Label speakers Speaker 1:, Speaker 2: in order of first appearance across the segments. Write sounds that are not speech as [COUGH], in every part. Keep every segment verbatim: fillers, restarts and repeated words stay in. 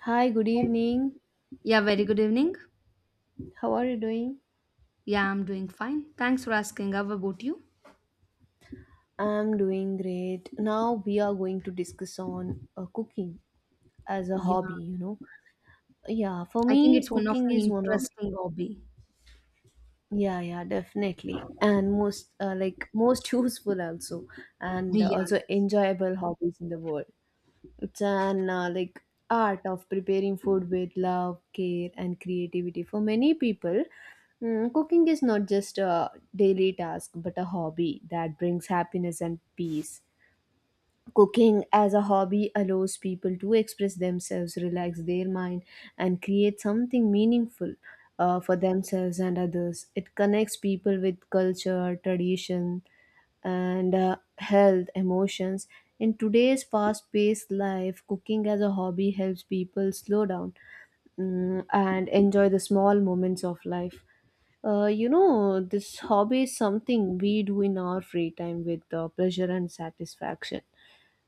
Speaker 1: Hi, good evening.
Speaker 2: Yeah, very good evening.
Speaker 1: How are you doing?
Speaker 2: Yeah, I'm doing fine. Thanks for asking. How about you?
Speaker 1: I'm doing great. Now we are going to discuss on uh, cooking as a
Speaker 2: Yeah,
Speaker 1: hobby, you know. Yeah, for
Speaker 2: I think
Speaker 1: me
Speaker 2: it's one of
Speaker 1: cooking
Speaker 2: an
Speaker 1: is one of
Speaker 2: interesting hobby.
Speaker 1: yeah, yeah, definitely. And most uh, like most [LAUGHS] useful also and
Speaker 2: Yeah,
Speaker 1: also
Speaker 2: that's.
Speaker 1: enjoyable hobbies in the world. It's an uh, like art of preparing food with love, care, and creativity. For many people, mm, cooking is not just a daily task but a hobby that brings happiness and peace. Cooking as a hobby allows people to express themselves, relax their mind, and create something meaningful uh, for themselves and others. It connects people with culture, tradition, and uh, health emotions. In today's fast-paced life, cooking as a hobby helps people slow down mm, and enjoy the small moments of life. Uh, you know this hobby is something we do in our free time with uh, pleasure and satisfaction.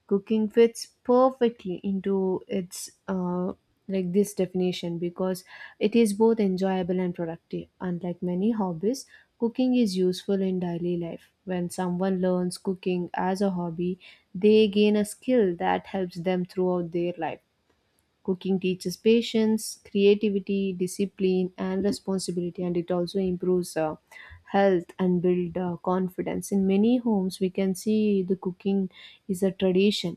Speaker 1: Cooking fits perfectly into its uh, like this definition because it is both enjoyable and productive. Unlike many hobbies, cooking is useful in daily life. When someone learns cooking as a hobby, they gain a skill that helps them throughout their life. Cooking teaches patience, creativity, discipline, and responsibility, and it also improves uh, health and build uh, confidence. In many homes, we can see the cooking is a tradition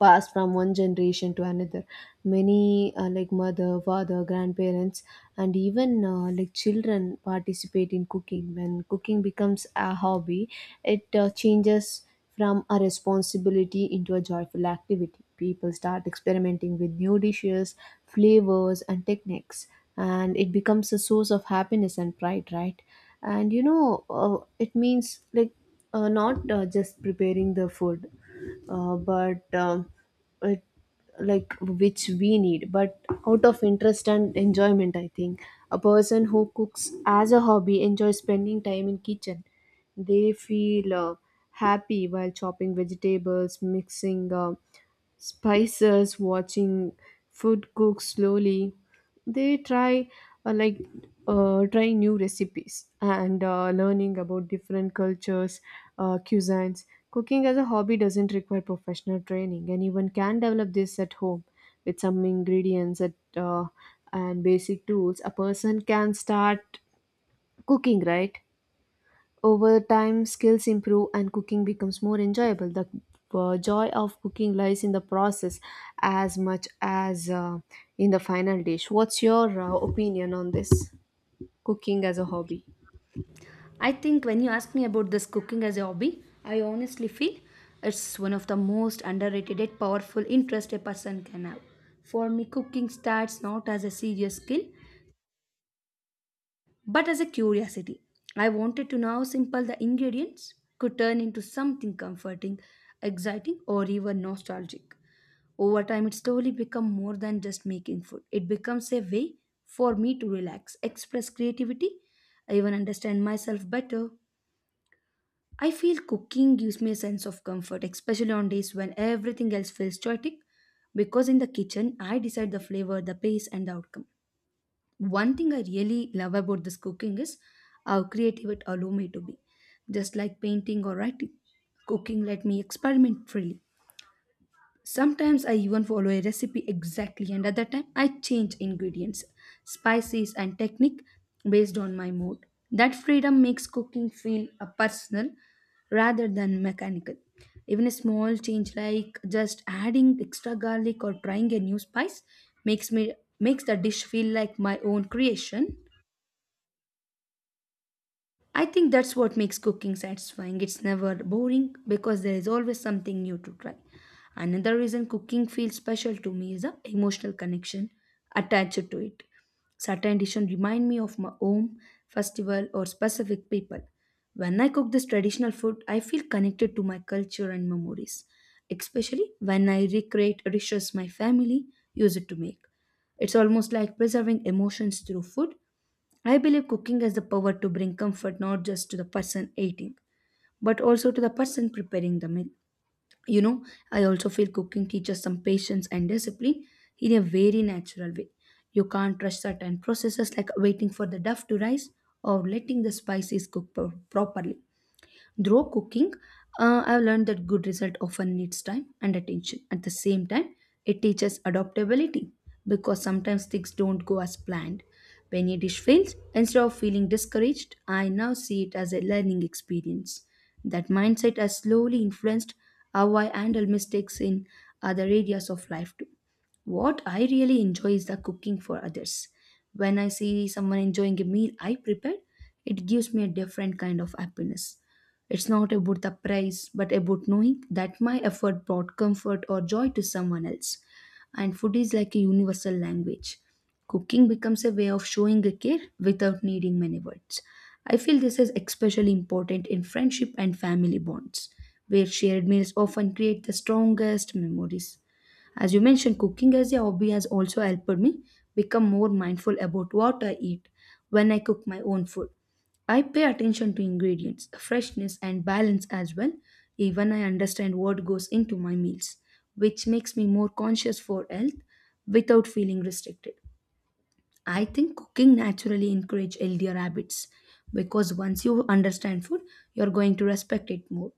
Speaker 1: passed from one generation to another. Many uh, like mother, father, grandparents, and even uh, like children participate in cooking. When cooking becomes a hobby, it uh, changes from a responsibility into a joyful activity. People start experimenting with new dishes, flavors, and techniques, and it becomes a source of happiness and pride, right? And you know, uh, it means like uh, not uh, just preparing the food, uh, but um, it, like, which we need but out of interest and enjoyment, I think. A person who cooks as a hobby enjoys spending time in kitchen. They feel uh, happy while chopping vegetables, mixing uh, spices, watching food cook slowly. They try uh, like uh, trying new recipes and uh, learning about different cultures, uh, cuisines. Cooking as a hobby doesn't require professional training. Anyone can develop this at home. With some ingredients at, uh, and basic tools, a person can start cooking, right? Over time, skills improve and cooking becomes more enjoyable. The uh, joy of cooking lies in the process as much as uh, in the final dish. What's your uh, opinion on this? Cooking as a hobby.
Speaker 2: I think when you ask me about this cooking as a hobby, I honestly feel it's one of the most underrated yet powerful interest a person can have. For me, cooking starts not as a serious skill, but as a curiosity. I wanted to know how simple the ingredients could turn into something comforting, exciting, or even nostalgic. Over time, it slowly becomes more than just making food. It becomes a way for me to relax, express creativity, I even understand myself better. I feel cooking gives me a sense of comfort, especially on days when everything else feels chaotic, because in the kitchen, I decide the flavor, the pace, and the outcome. One thing I really love about this cooking is how creative it allows me to be. Just like painting or writing, cooking let me experiment freely. Sometimes I even follow a recipe exactly, and other time I change ingredients, spices, and technique based on my mood. That freedom makes cooking feel uh, personal rather than mechanical. Even a small change like just adding extra garlic or trying a new spice makes me makes the dish feel like my own creation. I think that's what makes cooking satisfying. It's never boring because there is always something new to try. Another reason cooking feels special to me is the emotional connection attached to it. Certain dishes remind me of my home, festival, or specific people. When I cook this traditional food, I feel connected to my culture and memories, especially when I recreate dishes my family used to make. It's almost like preserving emotions through food. I believe cooking has the power to bring comfort not just to the person eating, but also to the person preparing the meal. You know, I also feel cooking teaches some patience and discipline in a very natural way. You can't rush certain processes like waiting for the dough to rise or letting the spices cook pro- properly. Through cooking, uh, I've learned that good result often needs time and attention. At the same time, it teaches adaptability because sometimes things don't go as planned. When a dish fails, instead of feeling discouraged, I now see it as a learning experience. That mindset has slowly influenced how I handle mistakes in other areas of life too. What I really enjoy is the cooking for others. When I see someone enjoying a meal I prepared, it gives me a different kind of happiness. It's not about the price, but about knowing that my effort brought comfort or joy to someone else. And food is like a universal language. Cooking becomes a way of showing a care without needing many words. I feel this is especially important in friendship and family bonds, where shared meals often create the strongest memories. As you mentioned, cooking as a hobby has also helped me become more mindful about what I eat when I cook my own food. I pay attention to ingredients, freshness, and balance as well. Even I understand what goes into my meals, which makes me more conscious for health without feeling restricted. I think cooking naturally encourages healthier habits because once you understand food, you're going to respect it more.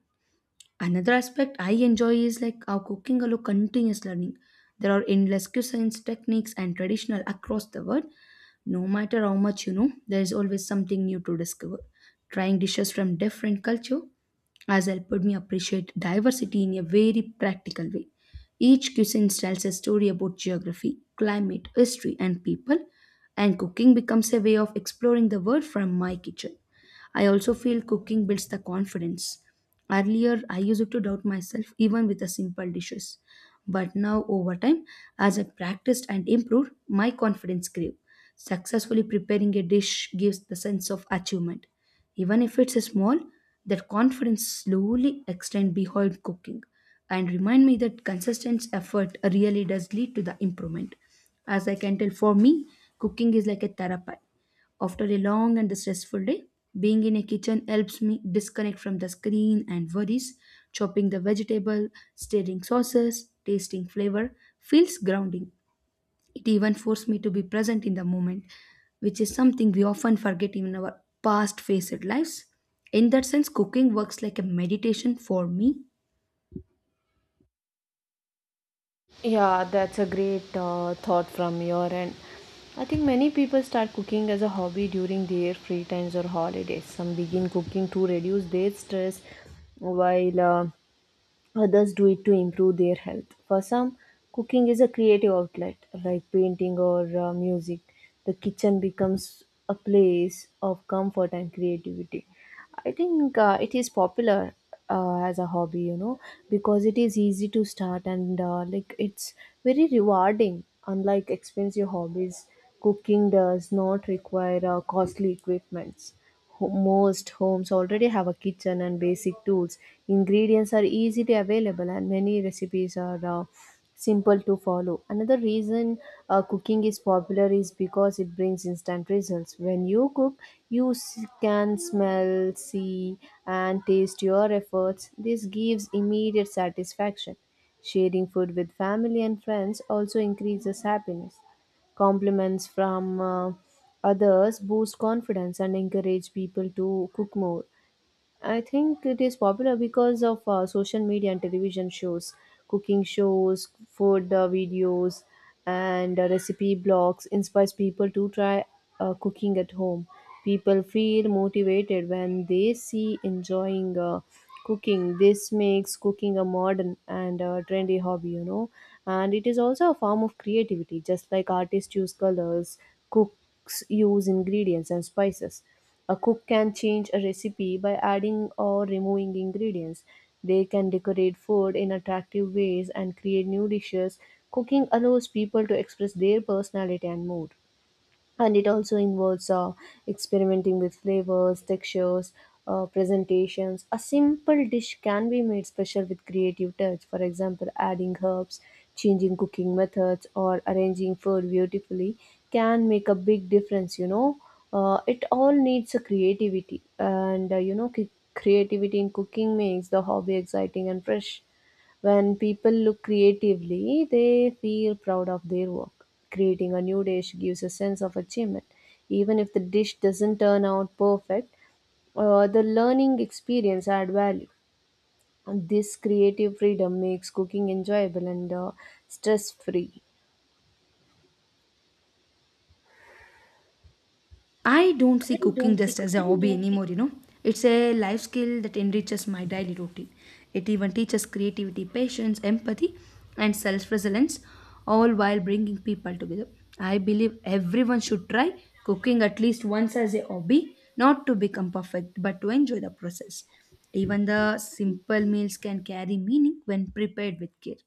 Speaker 2: Another aspect I enjoy is like how cooking allows continuous learning. There are endless cuisines, techniques, and traditional across the world. No matter how much you know, there is always something new to discover. Trying dishes from different culture has helped me appreciate diversity in a very practical way. Each cuisine tells a story about geography, climate, history, and people, and cooking becomes a way of exploring the world from my kitchen. I also feel cooking builds the confidence. Earlier, I used to doubt myself even with the simple dishes. But now, over time, as I practiced and improved, my confidence grew. Successfully preparing a dish gives the sense of achievement. Even if it's small, that confidence slowly extends behind cooking and remind me that consistent effort really does lead to the improvement. As I can tell, for me, cooking is like a therapy. After a long and stressful day, being in a kitchen helps me disconnect from the screen and worries. Chopping the vegetable, stirring sauces, tasting flavor feels grounding. It even forced me to be present in the moment, which is something we often forget in our past faced lives. In that sense, cooking works like a meditation for me.
Speaker 1: Yeah, that's a great uh, thought from your end. I think many people start cooking as a hobby during their free times or holidays. Some begin cooking to reduce their stress, while uh, others do it to improve their health. For some, cooking is a creative outlet, like painting or uh, music. The kitchen becomes a place of comfort and creativity. I think uh, it is popular uh, as a hobby, you know, because it is easy to start and uh, like it's very rewarding. Unlike expensive hobbies, cooking does not require uh, costly equipments. Ho- Most homes already have a kitchen and basic tools. Ingredients are easily available, and many recipes are uh, simple to follow. Another reason uh, cooking is popular is because it brings instant results. When you cook, you s- can smell, see, and taste your efforts. This gives immediate satisfaction. Sharing food with family and friends also increases happiness. Compliments from uh, others boost confidence and encourage people to cook more. I think it is popular because of uh, social media and television shows, cooking shows, food uh, videos, and uh, recipe blogs inspires people to try uh, cooking at home. People feel motivated when they see enjoying uh, cooking. This makes cooking a modern and uh, trendy hobby, you know. And it is also a form of creativity, just like artists use colors, cooks use ingredients and spices. A cook can change a recipe by adding or removing ingredients. They can decorate food in attractive ways and create new dishes. Cooking allows people to express their personality and mood, and it also involves uh, experimenting with flavors, textures, uh, presentations. A simple dish can be made special with creative touch. For example, adding herbs, changing cooking methods, or arranging food beautifully can make a big difference, you know. Uh, it all needs a creativity and uh, you know c- creativity in cooking makes the hobby exciting and fresh. When people look creatively, they feel proud of their work. Creating a new dish gives a sense of achievement. Even if the dish doesn't turn out perfect, uh, the learning experience add value. And this creative freedom makes cooking enjoyable and uh, stress free.
Speaker 2: I don't see cooking just as a hobby anymore, you know. It's a life skill that enriches my daily routine. It even teaches creativity, patience, empathy, and self resilience, all while bringing people together. I believe everyone should try cooking at least once as a hobby, not to become perfect, but to enjoy the process. Even the simple meals can carry meaning when prepared with care.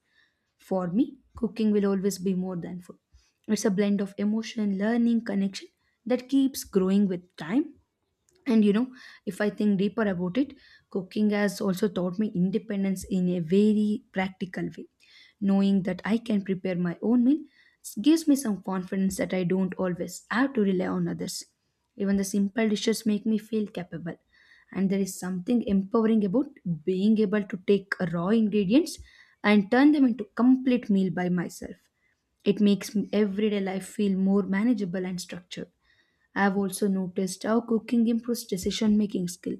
Speaker 2: For me, cooking will always be more than food. It's a blend of emotion, learning, connection that keeps growing with time. And you know, if I think deeper about it, cooking has also taught me independence in a very practical way. Knowing that I can prepare my own meal gives me some confidence that I don't always have to rely on others. Even the simple dishes make me feel capable, and there is something empowering about being able to take raw ingredients and turn them into complete meal by myself. It makes m- everyday life feel more manageable and structured. I've also noticed how cooking improves decision making skill.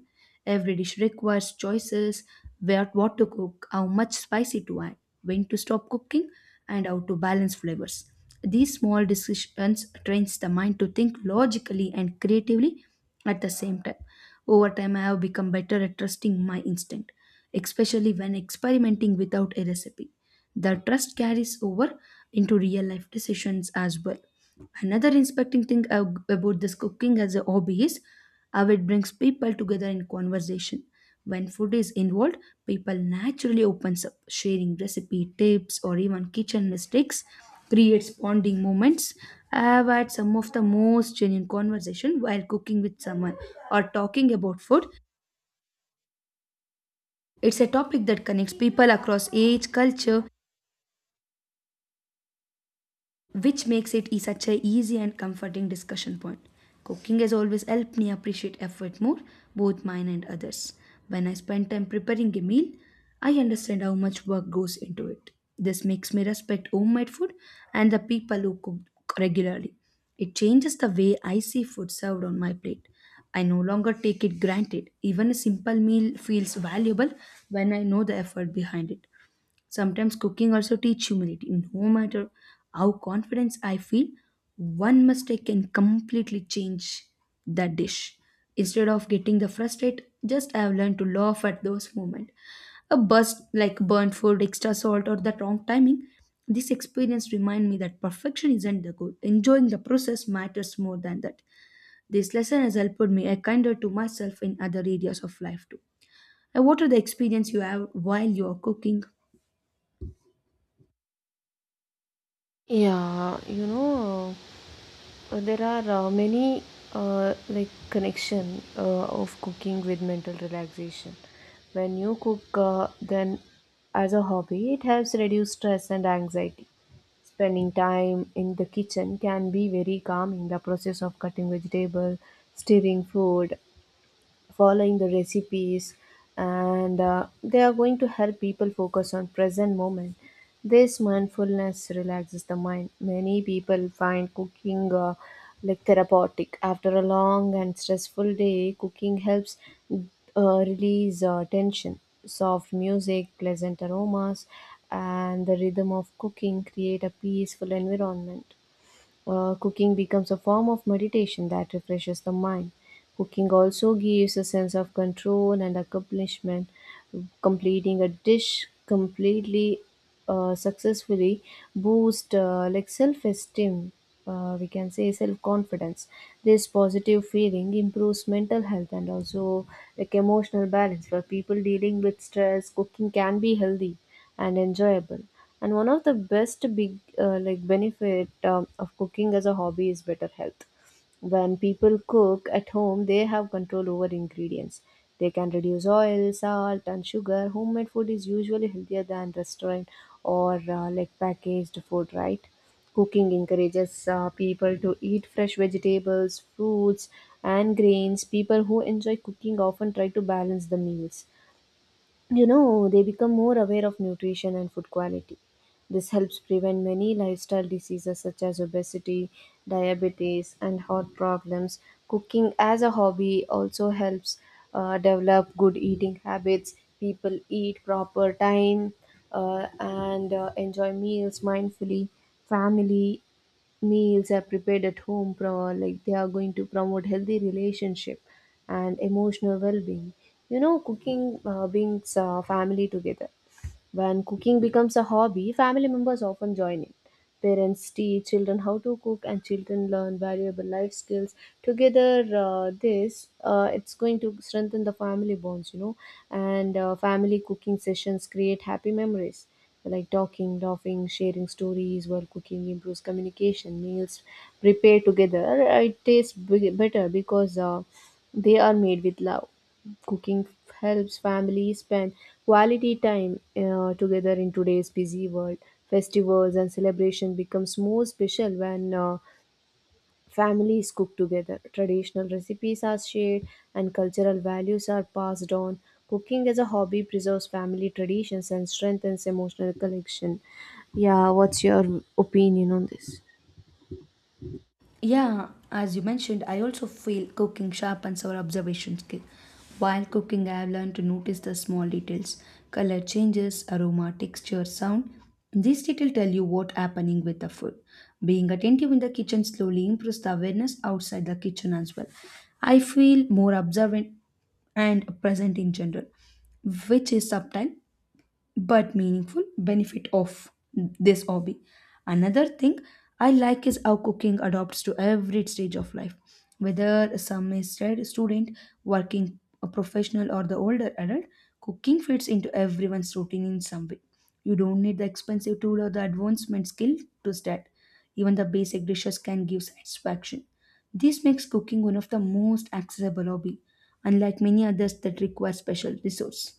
Speaker 2: Every dish requires choices where what to cook, how much spicy to add, when to stop cooking, and how to balance flavors. These small decisions trains the mind to think logically and creatively at the same time. Over time, I have become better at trusting my instinct, especially when experimenting without a recipe. The trust carries over into real life decisions as well. Another inspecting thing ab- about this cooking as a hobby is how it brings people together in conversation. When food is involved, people naturally opens up, sharing recipe tips or even kitchen mistakes creates bonding moments. I have had some of the most genuine conversation while cooking with someone or talking about food. It's a topic that connects people across age, culture, which makes it e- such a easy and comforting discussion point. Cooking has always helped me appreciate effort more, both mine and others. When I spend time preparing a meal, I understand how much work goes into it. This makes me respect homemade food and the people who cook regularly. It changes the way I see food served on my plate. I no longer take it granted. Even a simple meal feels valuable when I know the effort behind it. Sometimes cooking also teach humility. No matter how confident I feel, one mistake can completely change that dish. Instead of getting the frustrated, just I have learned to laugh at those moments. A burst like burnt food, extra salt, or that wrong timing. This experience remind me that perfection isn't the goal. Enjoying the process matters more than that. This lesson has helped me a kinder to myself in other areas of life too. And what are the experience you have while you are cooking?
Speaker 1: Yeah, you know, Uh, there are uh, many uh, like connection uh, of cooking with mental relaxation. When you cook, uh, then as a hobby, it helps reduce stress and anxiety. Spending time in the kitchen can be very calming. The process of cutting vegetable, stirring food, following the recipes, and uh, they are going to help people focus on present moment. This mindfulness relaxes the mind. Many people find cooking uh, like therapeutic. After a long and stressful day, cooking helps uh, release uh, tension. Soft music, pleasant aromas, and the rhythm of cooking create a peaceful environment. Uh, cooking becomes a form of meditation that refreshes the mind. Cooking also gives a sense of control and accomplishment. Completing a dish completely uh, successfully boosts uh, like self-esteem. Uh, we can say self-confidence. This positive feeling improves mental health and also like emotional balance for people dealing with stress. Cooking can be healthy and enjoyable. And one of the best big uh, like benefit um, of cooking as a hobby is better health. When people cook at home, they have control over ingredients. They can reduce oil, salt, and sugar. Homemade food is usually healthier than restaurant or uh, like packaged food, right? Cooking encourages uh, people to eat fresh vegetables, fruits, and grains. People who enjoy cooking often try to balance the meals. You know, they become more aware of nutrition and food quality. This helps prevent many lifestyle diseases such as obesity, diabetes, and heart problems. Cooking as a hobby also helps uh, develop good eating habits. People eat proper time uh, and uh, enjoy meals mindfully. Family meals are prepared at home, pro like they are going to promote healthy relationship and emotional well-being. You know cooking uh, brings uh, family together. When cooking becomes a hobby, family members often join in. Parents teach children how to cook, and children learn valuable life skills. Together, uh, this uh, it's going to strengthen the family bonds, you know. And uh, family cooking sessions create happy memories, like talking, laughing, sharing stories while cooking improves communication. Meals prepared together, uh, it tastes big- better because uh, they are made with love. Cooking helps families spend quality time uh, together in today's busy world. Festivals and celebration becomes more special when uh, families cook together. Traditional recipes are shared and cultural values are passed on. Cooking as a hobby preserves family traditions and strengthens emotional connection. Yeah, what's your opinion on this?
Speaker 2: Yeah, as you mentioned, I also feel cooking sharpens our observation skill. While cooking, I have learned to notice the small details color changes, aroma, texture, sound. These details tell you what's happening with the food. Being attentive in the kitchen slowly improves the awareness outside the kitchen as well. I feel more observant and present in general, which is subtle but meaningful benefit of this hobby. Another thing I like is how cooking adopts to every stage of life, whether some is a student, working a professional, or the older adult. Cooking fits into everyone's routine in some way. You don't need the expensive tool or the advancement skill to start. Even the basic dishes can give satisfaction. This makes cooking one of the most accessible hobby, unlike many others that require special resource.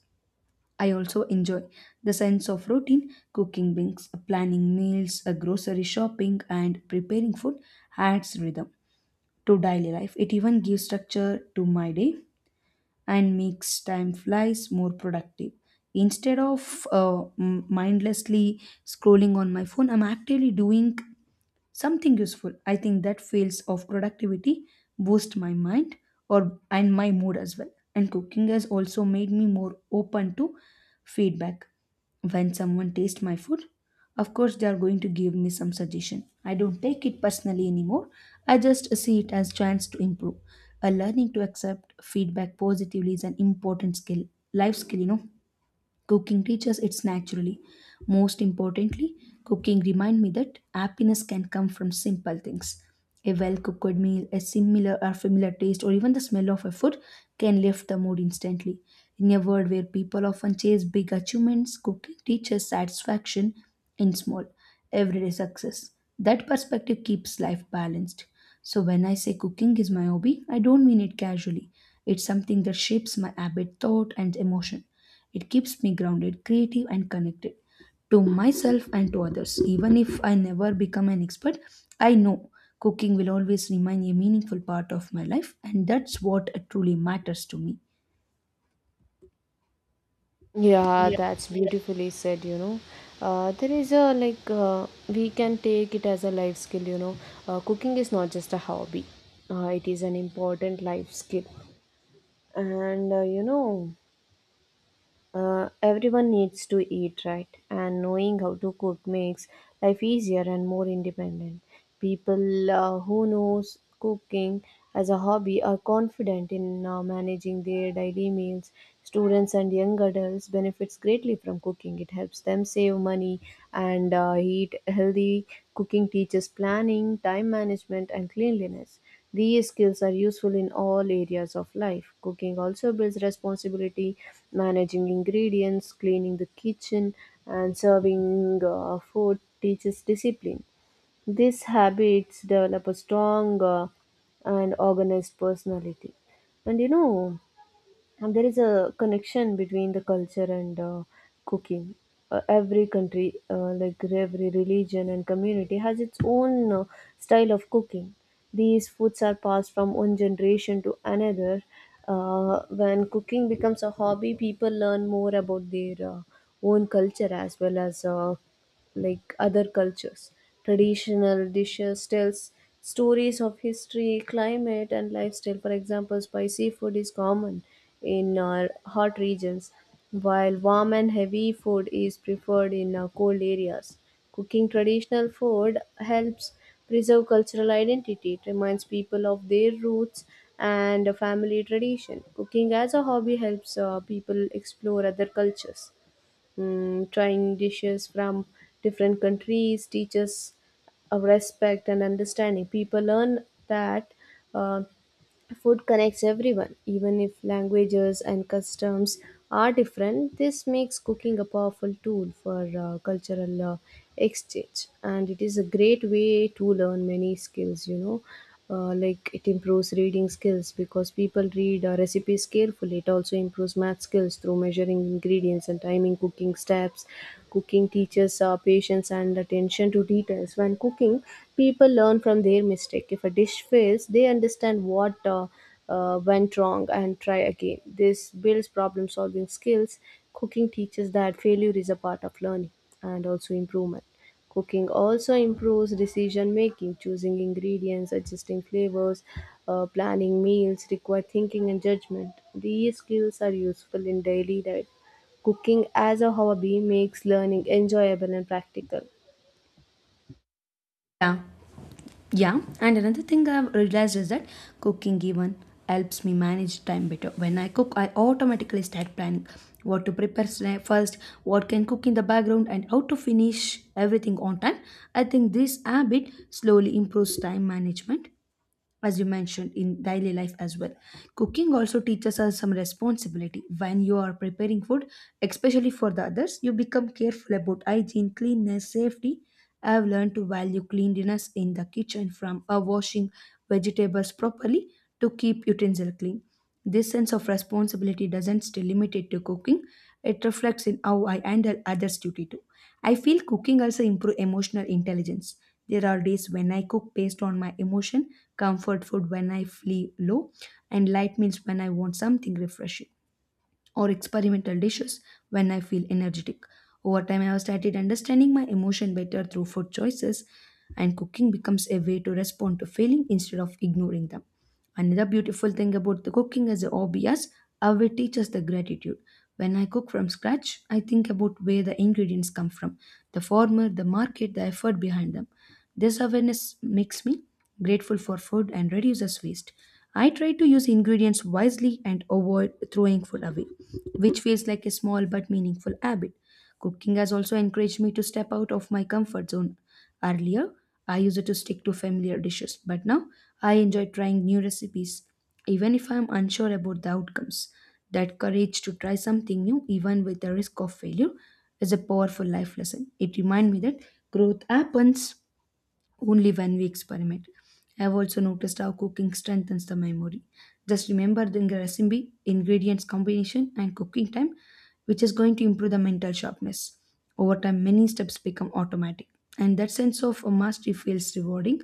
Speaker 2: I also enjoy the sense of routine, cooking things, planning meals, uh, grocery shopping, and preparing food adds rhythm to daily life. It even gives structure to my day and makes time flies more productive. Instead of uh, m- mindlessly scrolling on my phone, I'm actively doing something useful. I think that fields of productivity boost my mind or and my mood as well. And cooking has also made me more open to feedback. When someone tastes my food, of course they are going to give me some suggestion. I don't take it personally anymore. I just see it as chance to improve, a learning to accept feedback positively is an important skill, life skill, you know. Cooking teaches it naturally. Most importantly, cooking reminds me that happiness can come from simple things. A well cooked meal, a similar or familiar taste, or even the smell of a food can lift the mood instantly. In a world where people often chase big achievements, cooking teaches satisfaction in small, everyday success. That perspective keeps life balanced. So, when I say cooking is my hobby, I don't mean it casually. It's something that shapes my habit, thought, and emotion. It keeps me grounded, creative, and connected to myself and to others. Even if I never become an expert, I know cooking will always remain a meaningful part of my life, and that's what truly matters to me.
Speaker 1: Yeah, that's beautifully said, you know. Uh, there is a like uh, we can take it as a life skill, you know. Uh, cooking is not just a hobby. Uh, it is an important life skill. And uh, you know, uh, everyone needs to eat right, and knowing how to cook makes life easier and more independent. People uh, who knows cooking as a hobby are confident in uh, managing their daily meals. Students and young adults benefits greatly from cooking. It helps them save money and uh, eat healthy. Cooking teaches planning, time management, and cleanliness. These skills are useful in all areas of life. Cooking also builds responsibility, managing ingredients, cleaning the kitchen, and serving uh, food teaches discipline. These habits develop a strong uh, and organized personality. And you know, and there is a connection between the culture and uh, cooking. Uh, every country, uh, like every religion and community, has its own uh, style of cooking. These foods are passed from one generation to another. Uh, when cooking becomes a hobby, people learn more about their uh, own culture as well as uh, like other cultures. Traditional dishes tells stories of history, climate, and lifestyle. For example, spicy food is common in uh, hot regions, while warm and heavy food is preferred in uh, cold areas. Cooking traditional food helps preserve cultural identity. It reminds people of their roots and a family tradition. Cooking as a hobby helps uh, people explore other cultures. Mm, trying dishes from different countries teaches a respect and understanding. People learn that Uh, food connects everyone, even if languages and customs are different. This makes cooking a powerful tool for uh, cultural uh, exchange, and it is a great way to learn many skills. You know, uh, like it improves reading skills because people read uh, recipes carefully. It also improves math skills through measuring ingredients and timing cooking steps. Cooking teaches uh, patience and attention to details. When cooking, people learn from their mistake. If a dish fails, they understand what uh, uh, went wrong and try again. This builds problem solving skills. Cooking teaches that failure is a part of learning and also improvement. Cooking also improves decision making, choosing ingredients, adjusting flavors, uh, planning meals require thinking and judgment. These skills are useful in daily life. Cooking as a hobby makes learning enjoyable and practical.
Speaker 2: Yeah, yeah. And another thing I've realized is that cooking even helps me manage time better. When I cook, I automatically start planning what to prepare sna- first, what can cook in the background, and how to finish everything on time. I think this habit slowly improves time management as you mentioned in daily life as well. Cooking also teaches us some responsibility. When you are preparing food, especially for the others, you become careful about hygiene, cleanness, safety. I have learned to value cleanliness in the kitchen, from uh, washing vegetables properly to keep utensil clean. This sense of responsibility doesn't stay limited to cooking; it reflects in how I handle others duty too. I feel cooking also improve emotional intelligence. There are days when I cook based on my emotion, comfort food when I feel low, and light meals when I want something refreshing, or experimental dishes when I feel energetic. Over time, I have started understanding my emotion better through food choices, and cooking becomes a way to respond to feeling instead of ignoring them. Another beautiful thing about the cooking as a hobby is how it teaches the gratitude. When I cook from scratch, I think about where the ingredients come from, the farmer, the market, the effort behind them. This awareness makes me grateful for food and reduces waste. I try to use ingredients wisely and avoid throwing food away, which feels like a small but meaningful habit. Cooking has also encouraged me to step out of my comfort zone. Earlier, I used to stick to familiar dishes, but now I enjoy trying new recipes, even if I am unsure about the outcomes. That courage to try something new, even with the risk of failure, is a powerful life lesson. It reminds me that growth happens only when we experiment. I have also noticed how cooking strengthens the memory. Just remember the recipe, ingredients combination, and cooking time, which is going to improve the mental sharpness. Over time, many steps become automatic, and that sense of a mastery feels rewarding.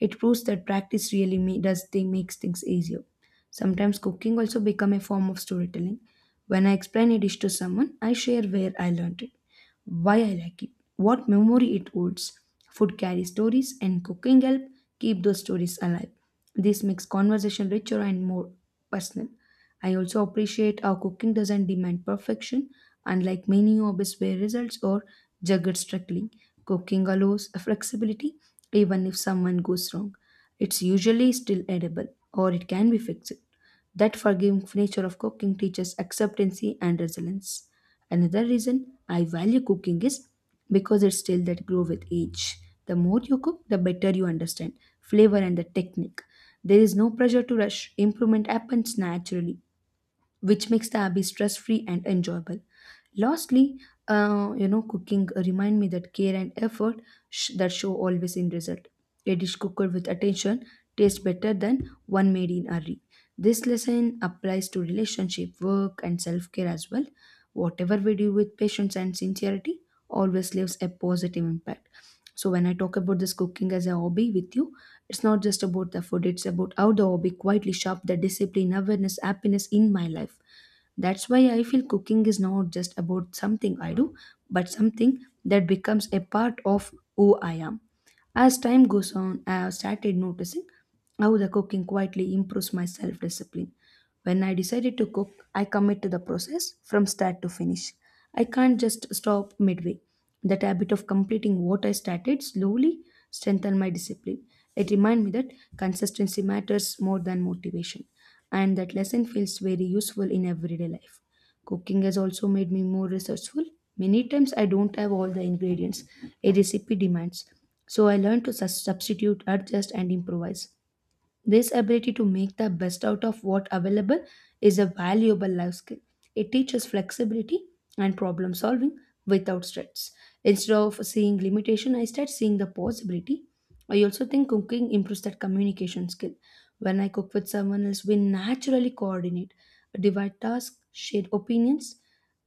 Speaker 2: It proves that practice really ma- does they makes things easier. Sometimes cooking also become a form of storytelling. When I explain a dish to someone, I share where I learned it, why I like it, what memory it holds. Food carries stories, and cooking help keep those stories alive. This makes conversation richer and more personal. I also appreciate how cooking doesn't demand perfection, unlike many hobbies where results are juggled strictly. Cooking allows flexibility, even if someone goes wrong. It's usually still edible, or it can be fixed. That forgiving nature of cooking teaches acceptance and resilience. Another reason I value cooking is because it's skill that grow with age. The more you cook, the better you understand flavor and the technique. There is no pressure to rush. Improvement happens naturally, which makes the hobby stress free and enjoyable. Lastly, uh, you know, cooking uh, remind me that care and effort sh- that show always in result. A dish cooked with attention tastes better than one made in a hurry. This lesson applies to relationship, work, and self care as well. Whatever we do with patience and sincerity always leaves a positive impact. So when I talk about this cooking as a hobby with you, it's not just about the food, it's about how the hobby quietly shaped the discipline, awareness, happiness in my life. That's why I feel cooking is not just about something I do, but something that becomes a part of who I am. As time goes on, I have started noticing how the cooking quietly improves my self discipline. When I decided to cook, I commit to the process from start to finish. I can't just stop midway. That habit of completing what I started slowly strengthened my discipline. It reminded me that consistency matters more than motivation, and that lesson feels very useful in everyday life. Cooking has also made me more resourceful. Many times I don't have all the ingredients a recipe demands, so I learn to sus- substitute, adjust, and improvise. This ability to make the best out of what available is a valuable life skill. It teaches flexibility and problem solving without stress. Instead of seeing limitation, I start seeing the possibility. I also think cooking improves that communication skill. When I cook with someone else, we naturally coordinate, divide tasks, share opinions.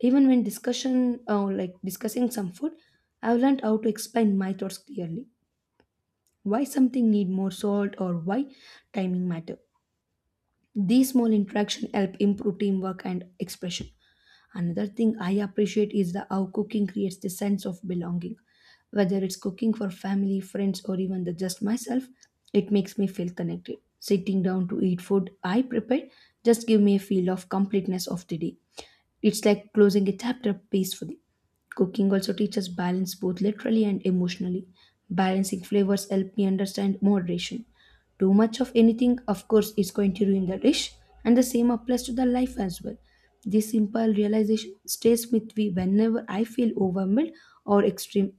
Speaker 2: Even when discussion, uh, like discussing some food, I've learned how to explain my thoughts clearly. Why something need more salt or why timing matter, these small interactions help improve teamwork and expression. Another thing I appreciate is the how cooking creates the sense of belonging. Whether it's cooking for family, friends, or even the just myself, it makes me feel connected. Sitting down to eat food I prepared just give me a feel of completeness of the day. It's like closing a chapter peacefully. Cooking also teaches balance both literally and emotionally. Balancing flavors help me understand moderation. Too much of anything, of course, is going to ruin the dish, and the same applies to the life as well. This simple realization stays with me whenever I feel overwhelmed or extreme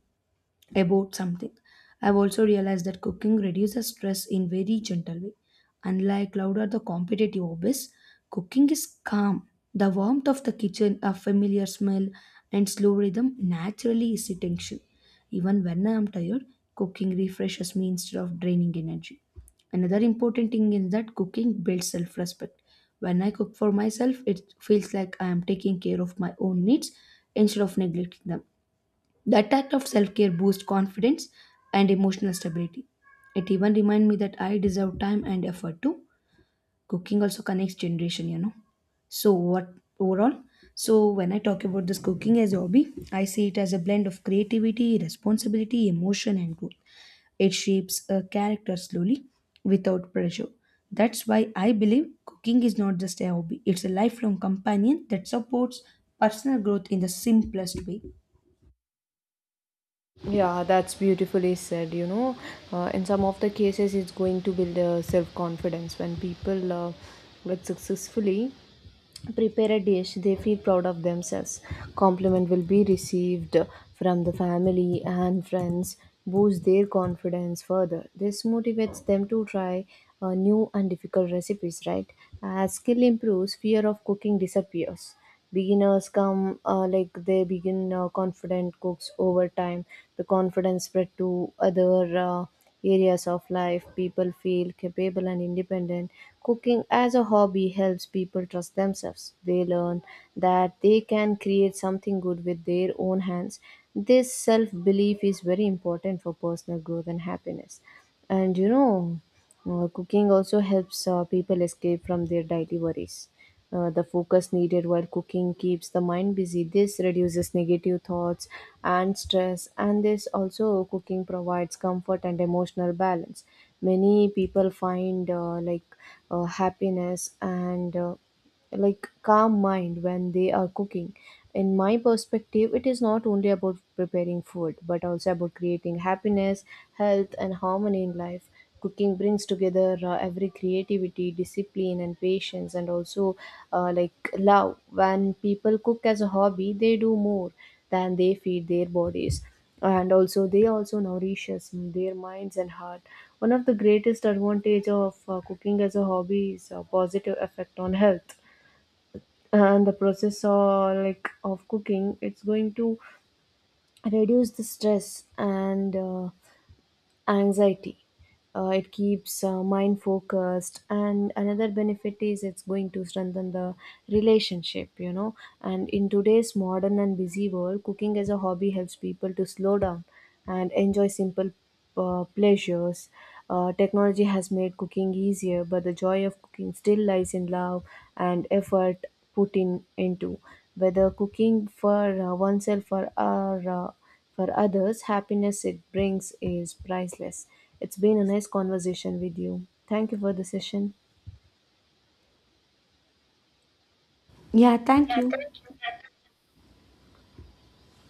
Speaker 2: about something. I've also realized that cooking reduces stress in very gentle way. Unlike loud or the competitive hobbies, cooking is calm. The warmth of the kitchen, a familiar smell, and slow rhythm naturally ease tension. Even when I am tired, cooking refreshes me instead of draining energy. Another important thing is that cooking builds self respect. When I cook for myself, it feels like I am taking care of my own needs instead of neglecting them. That act of self care boosts confidence and emotional stability. It even reminds me that I deserve time and effort too. Cooking also connects generation, you know. So what overall? So when I talk about this cooking as a hobby, I see it as a blend of creativity, responsibility, emotion, and growth. It shapes a character slowly, without pressure. That's why I believe cooking is not just a hobby; it's a lifelong companion that supports personal growth in the simplest way.
Speaker 1: Yeah, that's beautifully said. You know, uh, in some of the cases, it's going to build uh, self confidence when people uh, like successfully prepare a dish, they feel proud of themselves. Compliment will be received from the family and friends, boost their confidence further. This motivates them to try uh, new and difficult recipes, right? As skill improves, fear of cooking disappears. Beginners come, uh, like they begin uh, confident cooks over time. The confidence spread to other uh, areas of life. People feel capable and independent. Cooking as a hobby helps people trust themselves. They learn that they can create something good with their own hands. This self belief is very important for personal growth and happiness. And you know uh, cooking also helps uh, people escape from their daily worries. Uh, the focus needed while cooking keeps the mind busy. This reduces negative thoughts and stress, and this also cooking provides comfort and emotional balance. Many people find uh, like uh, happiness and uh, like calm mind when they are cooking. In my perspective, it is not only about preparing food but also about creating happiness, health, and harmony in life. Cooking brings together uh, every creativity, discipline, and patience, and also uh, like love. When people cook as a hobby, they do more than they feed their bodies, and also they also nourishes their minds and heart. One of the greatest advantage of uh, cooking as a hobby is a positive effect on health. And the process or like of cooking, it's going to reduce the stress and uh, anxiety. Uh, it keeps uh, mind focused, and another benefit is it's going to strengthen the relationship, you know. And in today's modern and busy world, cooking as a hobby helps people to slow down and enjoy simple uh, pleasures. Uh, technology has made cooking easier, but the joy of cooking still lies in love and effort put in into whether cooking for uh, oneself or, or uh, for others, happiness it brings is priceless. It's been a nice conversation with you. Thank you for the session.
Speaker 2: Yeah, thank you.